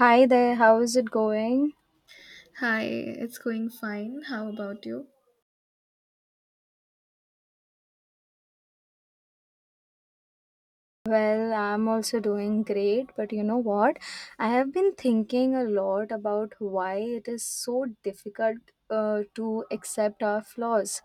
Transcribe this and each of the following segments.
Hi there, how is it going? Hi, it's going fine. How about you? Well, I'm also doing great, but you know what? I have been thinking a lot about why it is so difficult to accept our flaws.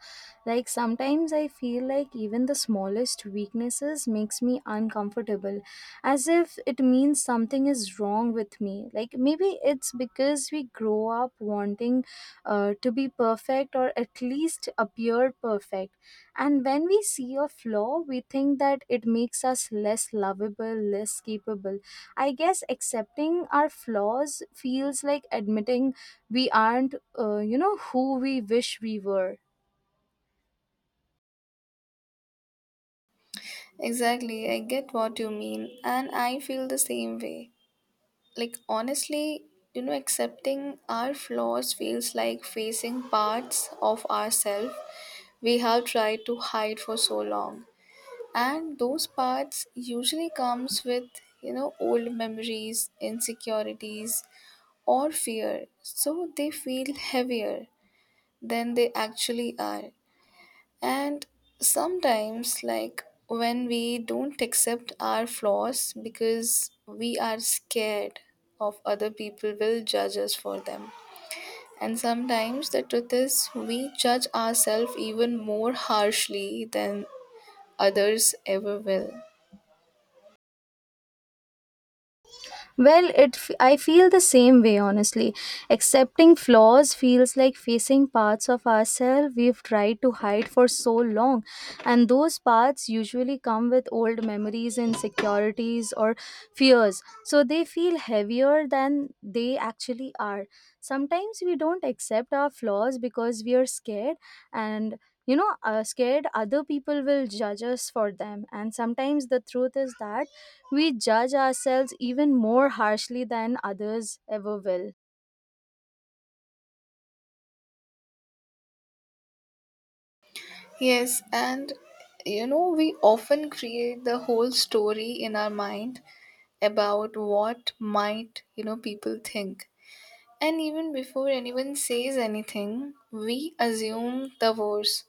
Like sometimes I feel like even the smallest weaknesses makes me uncomfortable, as if it means something is wrong with me. Like maybe it's because we grow up wanting to be perfect or at least appear perfect. And when we see a flaw, we think that it makes us less lovable, less capable. I guess accepting our flaws feels like admitting we aren't, who we wish we were. Exactly, I get what you mean, and I feel the same way. Like, honestly, accepting our flaws feels like facing parts of ourselves we have tried to hide for so long. And those parts usually comes with, old memories, insecurities, or fear. So they feel heavier than they actually are. And sometimes, like when we don't accept our flaws because we are scared of other people will judge us for them. And sometimes the truth is, we judge ourselves even more harshly than others ever will. Well, I feel the same way honestly. Accepting flaws feels like facing parts of ourselves we've tried to hide for so long, and those parts usually come with old memories, insecurities, or fears. So they feel heavier than they actually are. Sometimes we don't accept our flaws because we are scared and scared other people will judge us for them. And sometimes the truth is that we judge ourselves even more harshly than others ever will. Yes, and we often create the whole story in our mind about what might, people think. And even before anyone says anything, we assume the worst.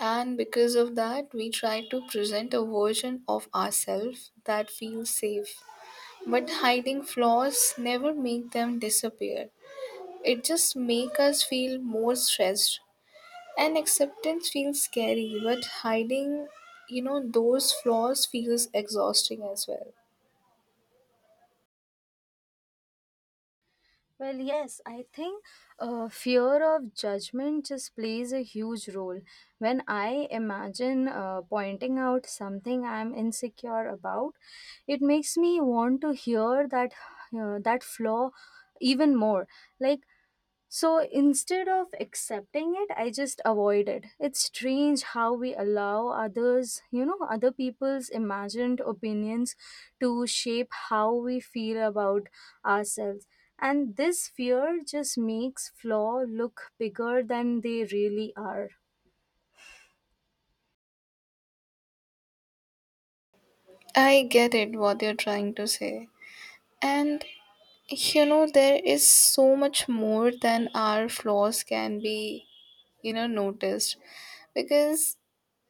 And because of that, we try to present a version of ourselves that feels safe. But hiding flaws never make them disappear. It just makes us feel more stressed. And acceptance feels scary, but hiding, those flaws feels exhausting as well. Well, yes, I think fear of judgment just plays a huge role. When I imagine pointing out something I'm insecure about, it makes me want to hear that that flaw even more. Like, so instead of accepting it, I just avoid it. It's strange how we allow others, other people's imagined opinions to shape how we feel about ourselves. And this fear just makes flaw look bigger than they really are. I get it what you're trying to say. And there is so much more than our flaws can be, noticed because,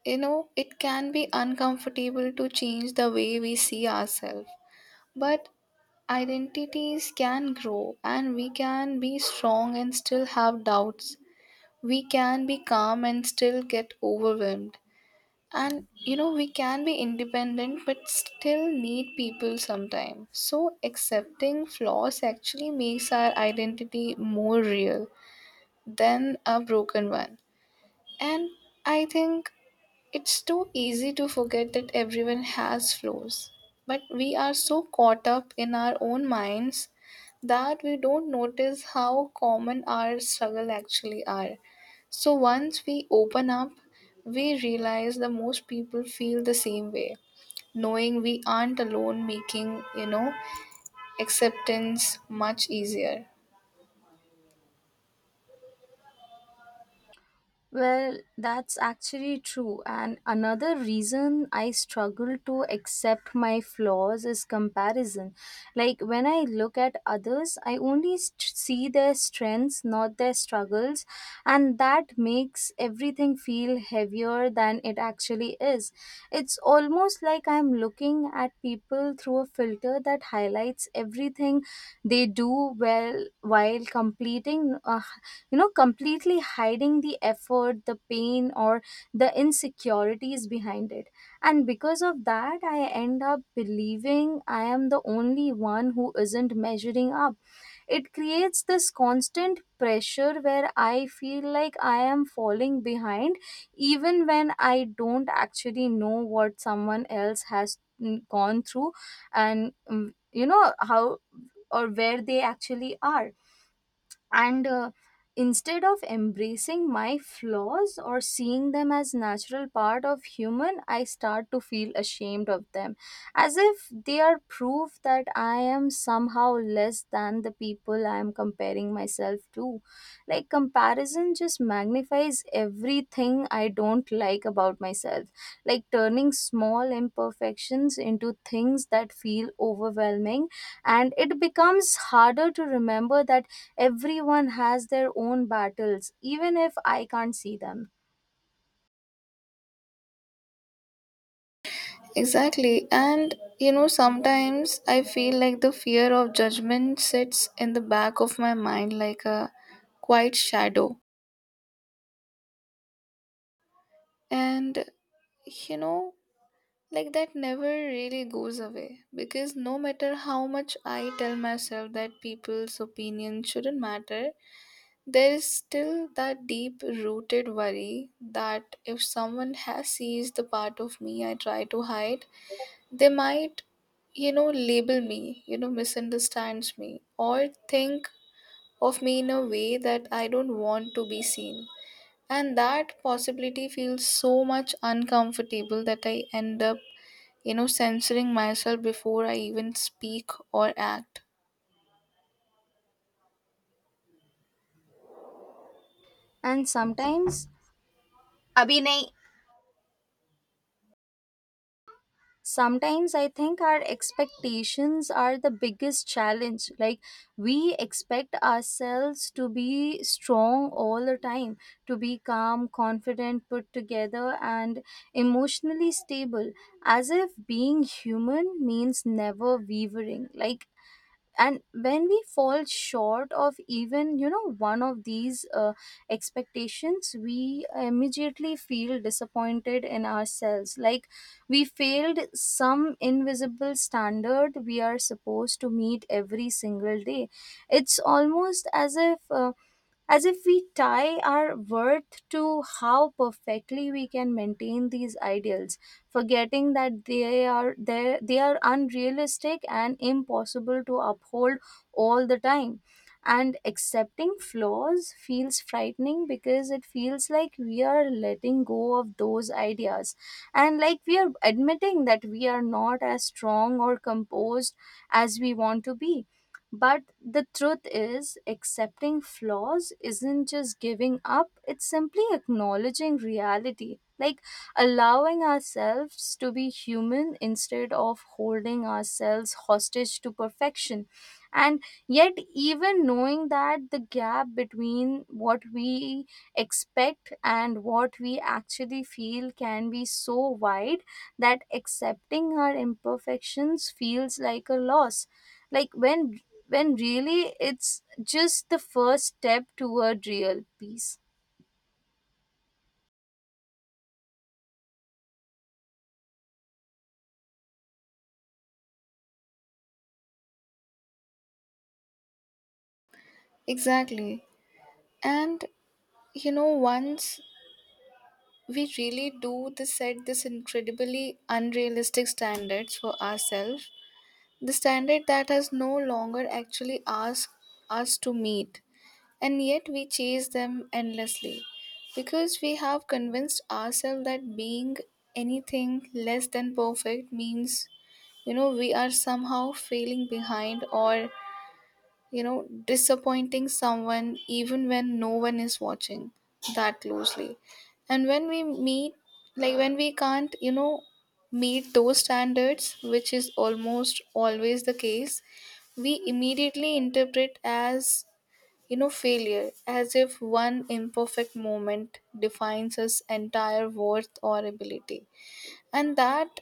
it can be uncomfortable to change the way we see ourselves. But identities can grow and we can be strong and still have doubts. We can be calm and still get overwhelmed, and we can be independent but still need people sometimes. So accepting flaws actually makes our identity more real than a broken one. And I think it's too easy to forget that everyone has flaws, but we are so caught up in our own minds that we don't notice how common our struggles actually are. So once we open up, we realize that most people feel the same way. Knowing we aren't alone making, acceptance much easier. Well, that's actually true. And another reason I struggle to accept my flaws is comparison. Like when I look at others, I only see their strengths, not their struggles. And that makes everything feel heavier than it actually is. It's almost like I'm looking at people through a filter that highlights everything they do well while completing you know completely hiding the effort, the pain, or the insecurities behind it. And because of that, I end up believing I am the only one who isn't measuring up. It creates this constant pressure where I feel like I am falling behind, even when I don't actually know what someone else has gone through and how or where they actually are. And instead of embracing my flaws or seeing them as natural part of human, I start to feel ashamed of them, as if they are proof that I am somehow less than the people I am comparing myself to. Like comparison just magnifies everything I don't like about myself, like turning small imperfections into things that feel overwhelming. And it becomes harder to remember that everyone has their own battles, even if I can't see them. Exactly. And sometimes I feel like the fear of judgment sits in the back of my mind like a quiet shadow. And you know, like that never really goes away because no matter how much I tell myself that people's opinion shouldn't matter, there is still that deep rooted worry that if someone has seized the part of me I try to hide, they might, label me, misunderstands me, or think of me in a way that I don't want to be seen. And that possibility feels so much uncomfortable that I end up, censoring myself before I even speak or act. And sometimes Abhinay, sometimes I think our expectations are the biggest challenge. Like, we expect ourselves to be strong all the time, to be calm, confident, put together, and emotionally stable, as if being human means never wavering. Like, and when we fall short of even, you know, one of these expectations, we immediately feel disappointed in ourselves, like we failed some invisible standard we are supposed to meet every single day. It's almost as if we tie our worth to how perfectly we can maintain these ideals, forgetting that they are unrealistic and impossible to uphold all the time. And accepting flaws feels frightening because it feels like we are letting go of those ideas, and like we are admitting that we are not as strong or composed as we want to be. But the truth is, accepting flaws isn't just giving up, it's simply acknowledging reality, like allowing ourselves to be human instead of holding ourselves hostage to perfection. And yet, even knowing that, the gap between what we expect and what we actually feel can be so wide that accepting our imperfections feels like a loss, like when really it's just the first step toward real peace. Exactly. And once we really do the set this incredibly unrealistic standards for ourselves, the standard that has no longer actually asked us to meet, and yet we chase them endlessly because we have convinced ourselves that being anything less than perfect means we are somehow failing behind or disappointing someone even when no one is watching that closely. And when we meet, like when we can't, meet those standards, which is almost always the case, we immediately interpret as failure, as if one imperfect moment defines us entire worth or ability. And that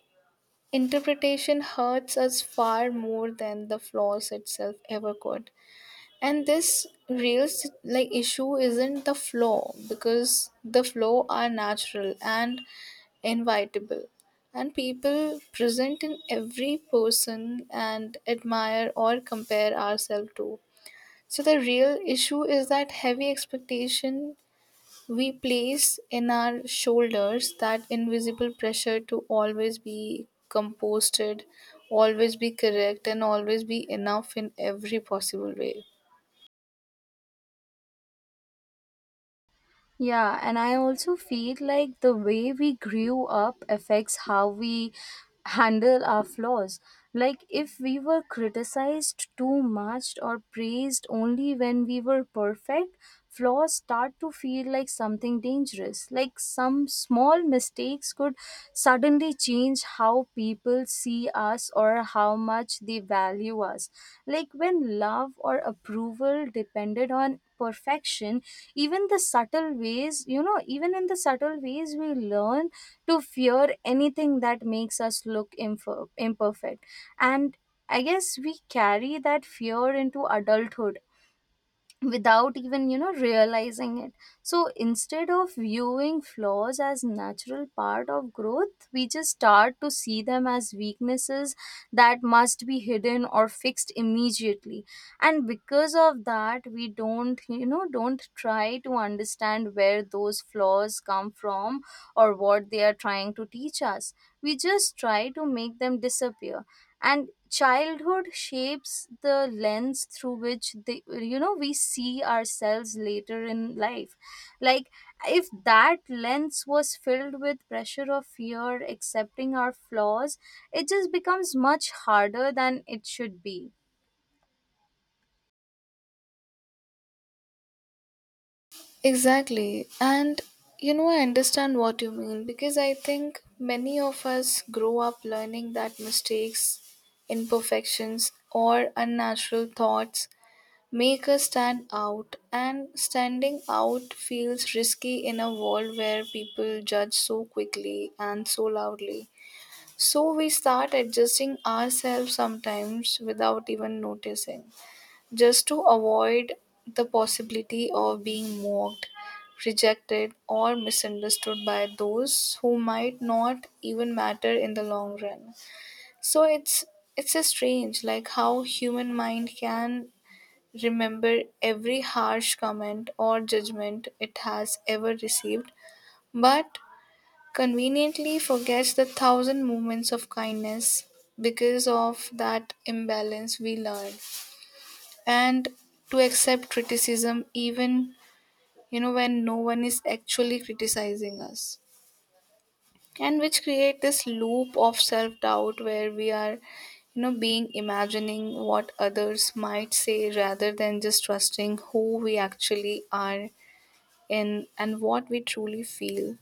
interpretation hurts us far more than the flaws itself ever could. And this real like issue isn't the flow because the flow are natural and inevitable, and people present in every person and admire or compare ourselves to. So the real issue is that heavy expectation we place in our shoulders, that invisible pressure to always be composed, always be correct, and always be enough in every possible way. Yeah, and I also feel like the way we grew up affects how we handle our flaws. Like, if we were criticized too much or praised only when we were perfect, flaws start to feel like something dangerous. Like, some small mistakes could suddenly change how people see us or how much they value us. Like, when love or approval depended on perfection, even the subtle ways you know even in the subtle ways, we learn to fear anything that makes us look imperfect. And I guess we carry that fear into adulthood without even, realizing it. So instead of viewing flaws as natural part of growth, we just start to see them as weaknesses that must be hidden or fixed immediately. And because of that, we don't you know don't try to understand where those flaws come from, or what they are trying to teach us. We just try to make them disappear. And childhood shapes the lens through which the you know we see ourselves later in life. Like, if that lens was filled with pressure of fear, accepting our flaws it just becomes much harder than it should be. Exactly. And I understand what you mean because I think many of us grow up learning that mistakes, imperfections, or unnatural thoughts make us stand out, and standing out feels risky in a world where people judge so quickly and so loudly. So we start adjusting ourselves sometimes without even noticing just to avoid the possibility of being mocked, rejected, or misunderstood by those who might not even matter in the long run. So it's a strange like how human mind can remember every harsh comment or judgment it has ever received, but conveniently forgets the thousand moments of kindness because of that imbalance we learn and to accept criticism even when no one is actually criticizing us, and which create this loop of self doubt where we are being imagining what others might say rather than just trusting who we actually are in and what we truly feel.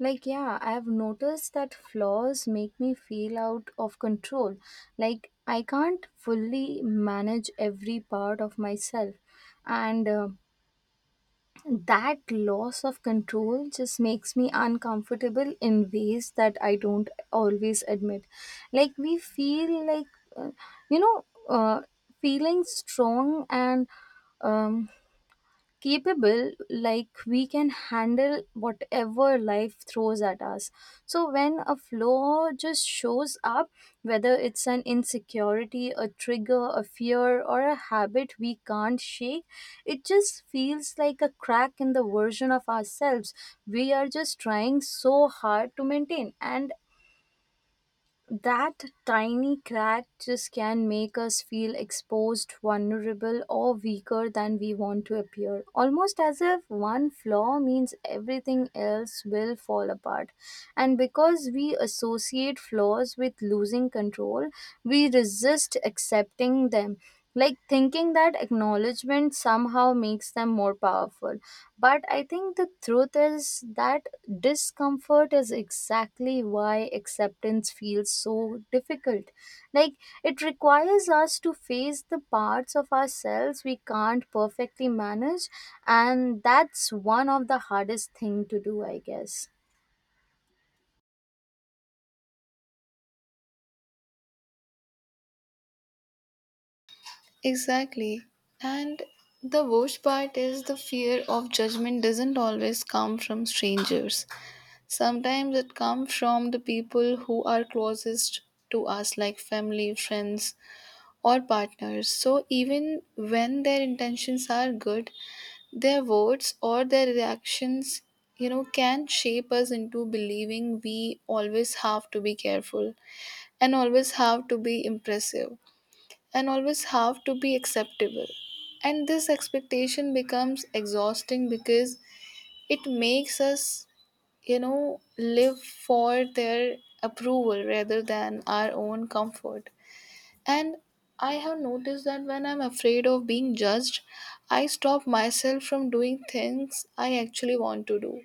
Like, yeah, I have noticed that flaws make me feel out of control, like I can't fully manage every part of myself. And that loss of control just makes me uncomfortable in ways that I don't always admit. Like, we feel like, uh, you know, uh, feeling strong and um, capable, like we can handle whatever life throws at us. So when a flaw just shows up, whether it's an insecurity, a trigger, a fear, or a habit we can't shake, it just feels like a crack in the version of ourselves we are just trying so hard to maintain. And that tiny crack just can make us feel exposed, vulnerable, or weaker than we want to appear. Almost as if one flaw means everything else will fall apart. And because we associate flaws with losing control, we resist accepting them, like thinking that acknowledgement somehow makes them more powerful. But I think the truth is that discomfort is exactly why acceptance feels so difficult. Like, it requires us to face the parts of ourselves we can't perfectly manage, and that's one of the hardest thing to do, I guess. Exactly. And the worst part is the fear of judgment doesn't always come from strangers. Sometimes it comes from the people who are closest to us, like family, friends, or partners. So even when their intentions are good, their words or their reactions, can shape us into believing we always have to be careful and always have to be impressive and always have to be acceptable. And this expectation becomes exhausting because it makes us live for their approval rather than our own comfort. And I have noticed that when I'm afraid of being judged, I stop myself from doing things I actually want to do,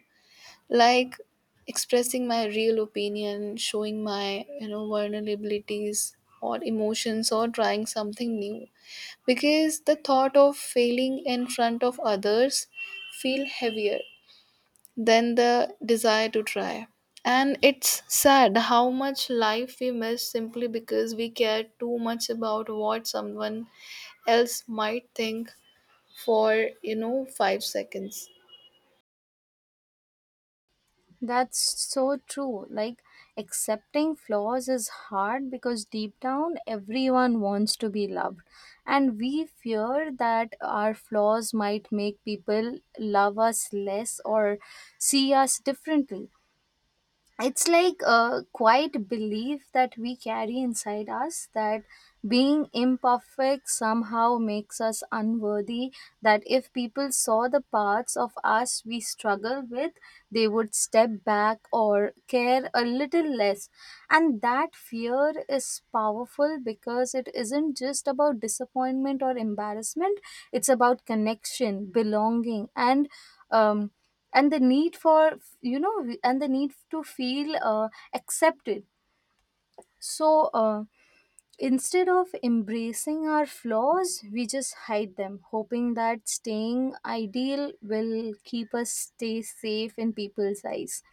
like expressing my real opinion, showing my, vulnerabilities or emotions or trying something new because the thought of failing in front of others feel heavier than the desire to try. And it's sad how much life we miss simply because we care too much about what someone else might think for, 5 seconds. That's so true. Like, accepting flaws is hard because deep down, everyone wants to be loved. And we fear that our flaws might make people love us less or see us differently. It's like a quiet belief that we carry inside us, that being imperfect somehow makes us unworthy, that if people saw the parts of us we struggle with, they would step back or care a little less. And that fear is powerful because it isn't just about disappointment or embarrassment, it's about connection, belonging, and um the need for, and the need to feel accepted. So instead of embracing our flaws, we just hide them, hoping that staying ideal will keep us stay safe in people's eyes.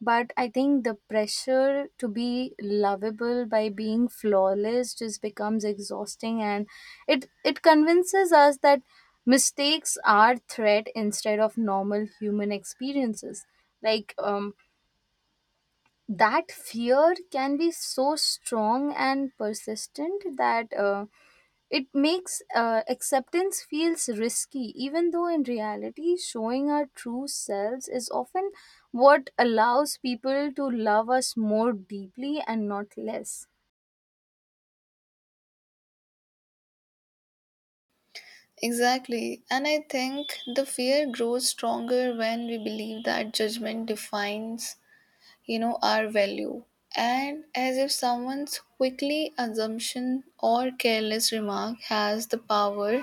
But I think the pressure to be lovable by being flawless just becomes exhausting, and it convinces us that mistakes are threat instead of normal human experiences. Like, that fear can be so strong and persistent that it makes acceptance feels risky, even though in reality, showing our true selves is often what allows people to love us more deeply and not less. Exactly. And I think the fear grows stronger when we believe that judgment defines, our value. And as if someone's quickly assumption or careless remark has the power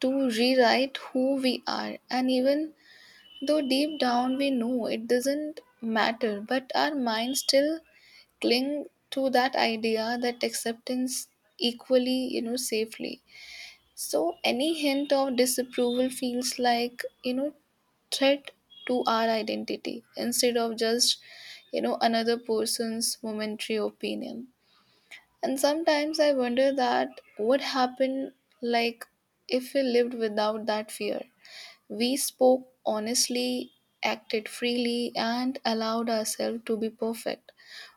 to rewrite who we are. And even though deep down we know it doesn't matter, but our minds still cling to that idea that acceptance equally, safely. So any hint of disapproval feels like, threat to our identity instead of just another person's momentary opinion. And sometimes I wonder that what happened, like if we lived without that fear we spoke honestly, acted freely, and allowed ourselves to be perfect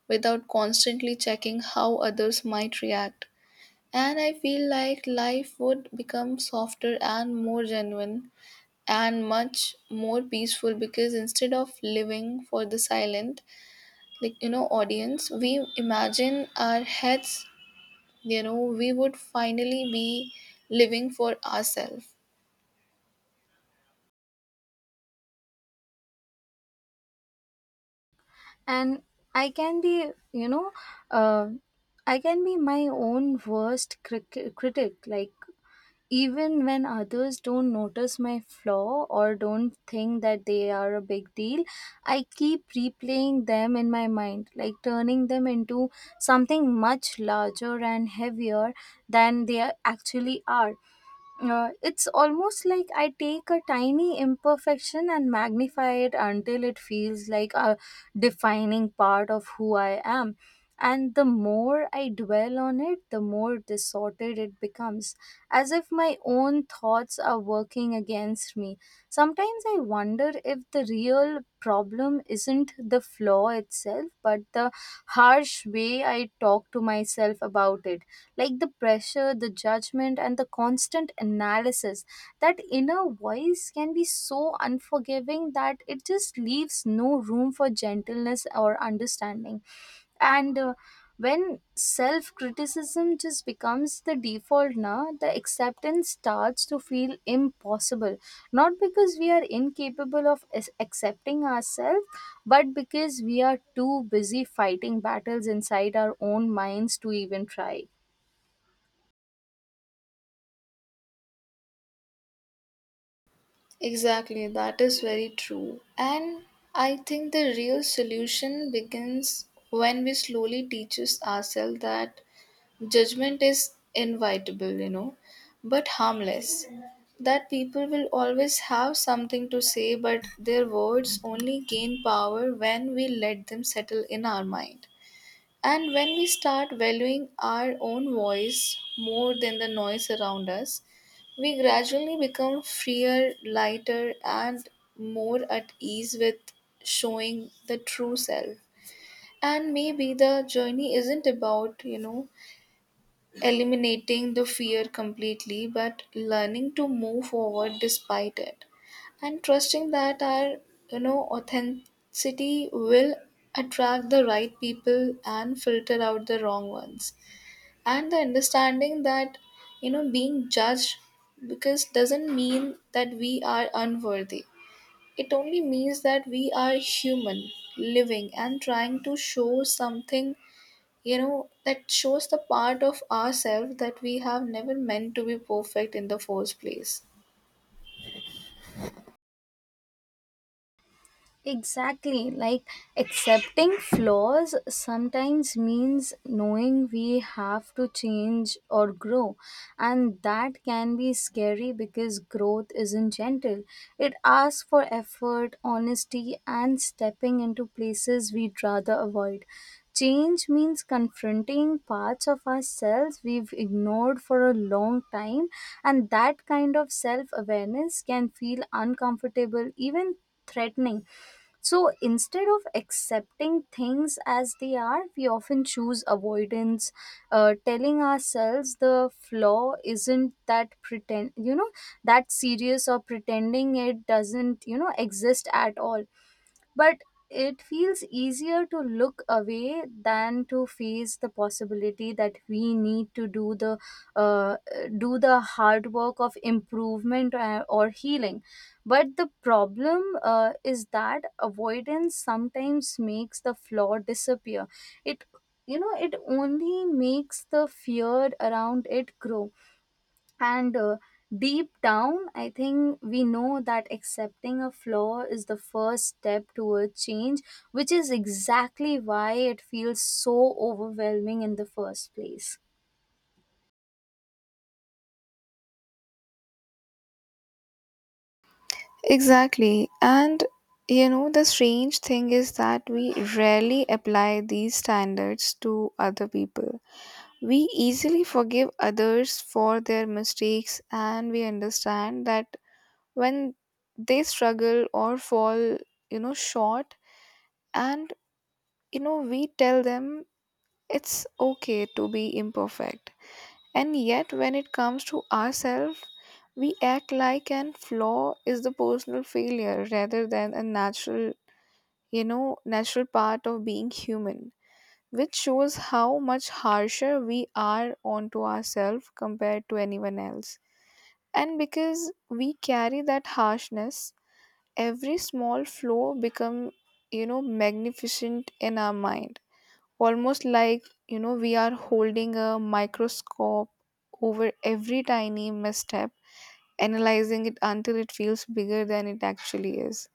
without constantly checking how others might react. And I feel like life would become softer and more genuine and much more peaceful because instead of living for the silent, like audience, we imagine our heads, we would finally be living for ourselves. And I can be, uh, I can be my own worst critic. Like, even when others don't notice my flaw or don't think that they are a big deal, I keep replaying them in my mind, like turning them into something much larger and heavier than actually are. It's almost like I take a tiny imperfection and magnify it until it feels like a defining part of who I am. And the more I dwell on it, the more distorted it becomes, as if my own thoughts are working against me. Sometimes I wonder if the real problem isn't the flaw itself, but the harsh way I talk to myself about it. Like the pressure, the judgment, and the constant analysis. That inner voice can be so unforgiving that it just leaves no room for gentleness or understanding. And when self criticism just becomes the default, the acceptance starts to feel impossible. Not because we are incapable of accepting ourselves, but because we are too busy fighting battles inside our own minds to even try. Exactly, that is very true. And I think the real solution begins when we slowly teaches ourselves that judgment is inevitable, but harmless. That people will always have something to say, but their words only gain power when we let them settle in our mind. And when we start valuing our own voice more than the noise around us, we gradually become freer, lighter, and more at ease with showing the true self. And maybe the journey isn't about, eliminating the fear completely, but learning to move forward despite it and trusting that our authenticity will attract the right people and filter out the wrong ones, and the understanding that being judged because doesn't mean that we are unworthy. It only means that we are human living and trying to show something that shows the part of ourselves that we have never meant to be perfect in the first place. Exactly. Like accepting flaws sometimes means knowing we have to change or grow. And that can be scary because growth isn't gentle. It asks for effort, honesty, and stepping into places we'd rather avoid. Change means confronting parts of ourselves we've ignored for a long time, and that kind of self awareness can feel uncomfortable, even threatening. So instead of accepting things as they are, we often choose avoidance, telling ourselves the flaw isn't that pretend, that serious, or pretending it doesn't, exist at all. But it feels easier to look away than to face the possibility that we need to uh, do the hard work of improvement or healing. But the problem is that avoidance sometimes makes the flaw disappear. It you know it only makes the fear around it grow. And deep down, I think we know that accepting a flaw is the first step toward change, which is exactly why it feels so overwhelming in the first place. Exactly. And the strange thing is that we rarely apply these standards to other people. We easily forgive others for their mistakes and we understand that when they struggle or fall, short, and we tell them it's okay to be imperfect. And yet, when it comes to ourselves, we act like an flaw is the personal failure rather than a natural part of being human, which shows how much harsher we are onto ourselves compared to anyone else. And because we carry that harshness, every small flaw become, magnificent in our mind, almost like we are holding a microscope over every tiny misstep analyzing it until it feels bigger than it actually is,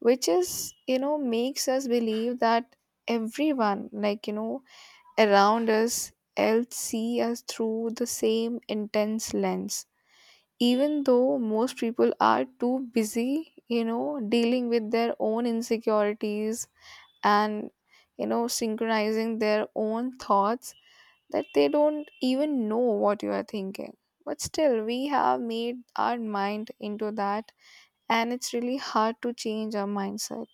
which is makes us believe that everyone, like around us else see us through the same intense lens, even though most people are too busy dealing with their own insecurities and synchronizing their own thoughts that they don't even know what you are thinking. But still, we have made our mind into that, and it's really hard to change our mindset.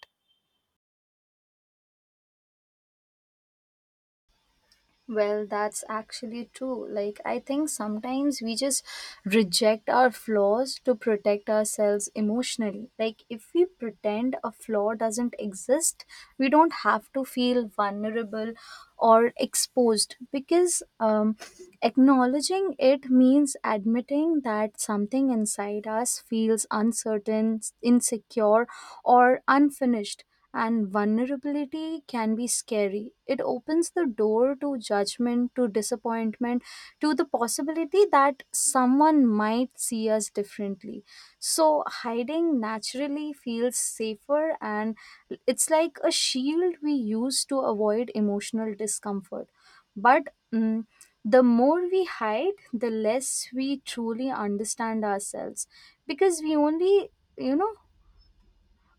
Well, that's actually true. Like, I think sometimes we just reject our flaws to protect ourselves emotionally. Like, if we pretend a flaw doesn't exist, we don't have to feel vulnerable or exposed, because acknowledging it means admitting that something inside us feels uncertain, insecure, or unfinished, and vulnerability can be scary. It opens the door to judgment, to disappointment, to the possibility that someone might see us differently. So, hiding naturally feels safer, and it's like a shield we use to avoid emotional discomfort. But the more we hide, the less we truly understand ourselves, because we only, you know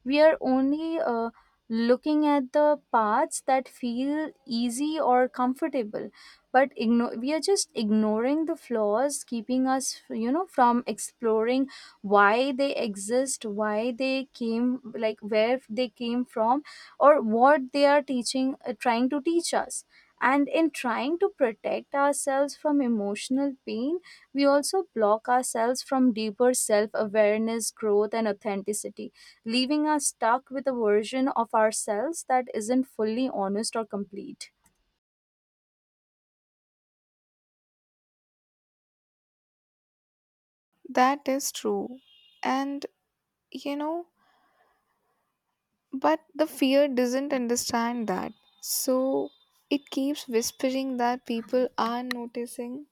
we are only looking at the paths that feel easy or comfortable. But we are just ignoring the flaws, keeping us, from exploring why they exist, why they came, like where they came from, or what they are teaching trying to teach us. And in trying to protect ourselves from emotional pain, we also block ourselves from deeper self awareness, growth, and authenticity, leaving us stuck with a version of ourselves that isn't fully honest or complete. That is true. And you know, but the fear doesn't understand that. So it keeps whispering that people are noticing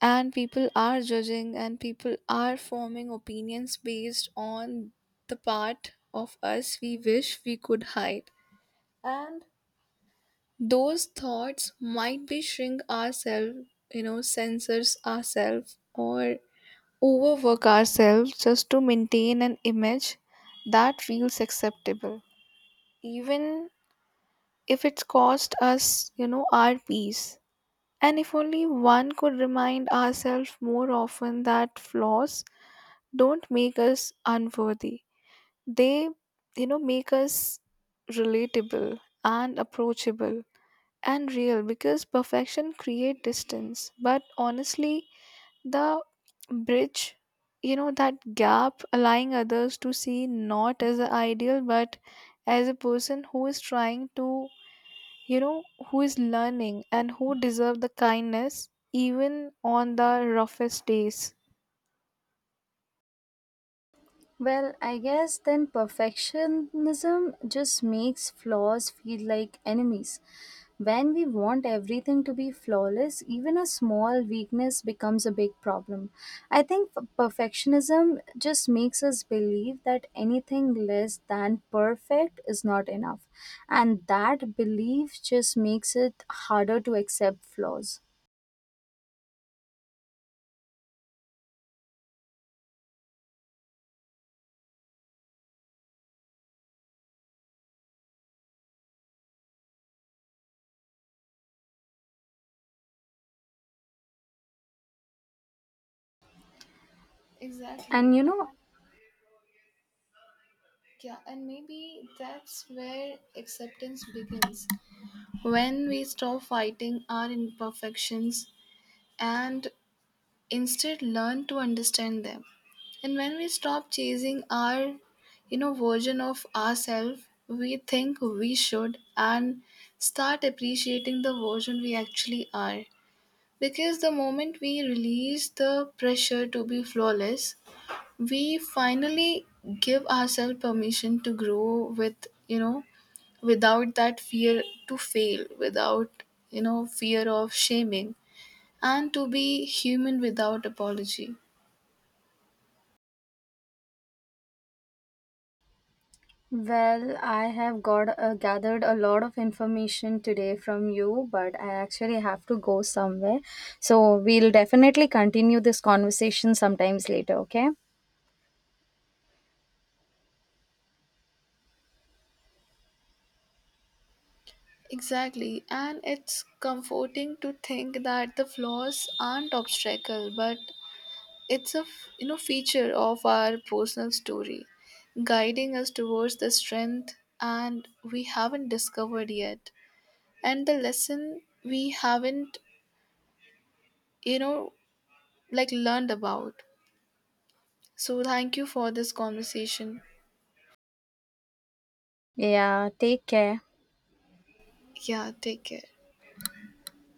and people are judging and people are forming opinions based on the part of us we wish we could hide. And those thoughts might be shrink ourselves, censors ourselves or overwork ourselves just to maintain an image that feels acceptable, even if it's cost us, our peace. And if only one could remind ourselves more often that flaws don't make us unworthy, they, make us relatable and approachable and real because perfection create distance but honestly the bridge that gap allowing others to see not as an ideal but as a person who is trying to, you know who is learning and who deserve the kindness even on the roughest days. Well, I guess then perfectionism just makes flaws feel like enemies. When we want everything to be flawless, even a small weakness becomes a big problem. I think perfectionism just makes us believe that anything less than perfect is not enough. And that belief just makes it harder to accept flaws. Exactly. And you know, Yeah, and maybe that's where acceptance begins. When we stop fighting our imperfections and instead learn to understand them, and when we stop chasing our version of ourselves we think we should and start appreciating the version we actually are because the moment we release the pressure to be flawless we finally give ourselves permission to grow without that fear to fail, without fear of shaming, and to be human without apology. well, I have got gathered a lot of information today from you, but I actually have to go somewhere. So we'll definitely continue this conversation sometimes later, okay? Exactly, and it's comforting to think that the flaws aren't obstacle, but it's a feature of our personal story, guiding us towards the strength and we haven't discovered yet, and the lesson we haven't, you know like learned about. So thank you for this conversation. Yeah, take care. Yeah, take care.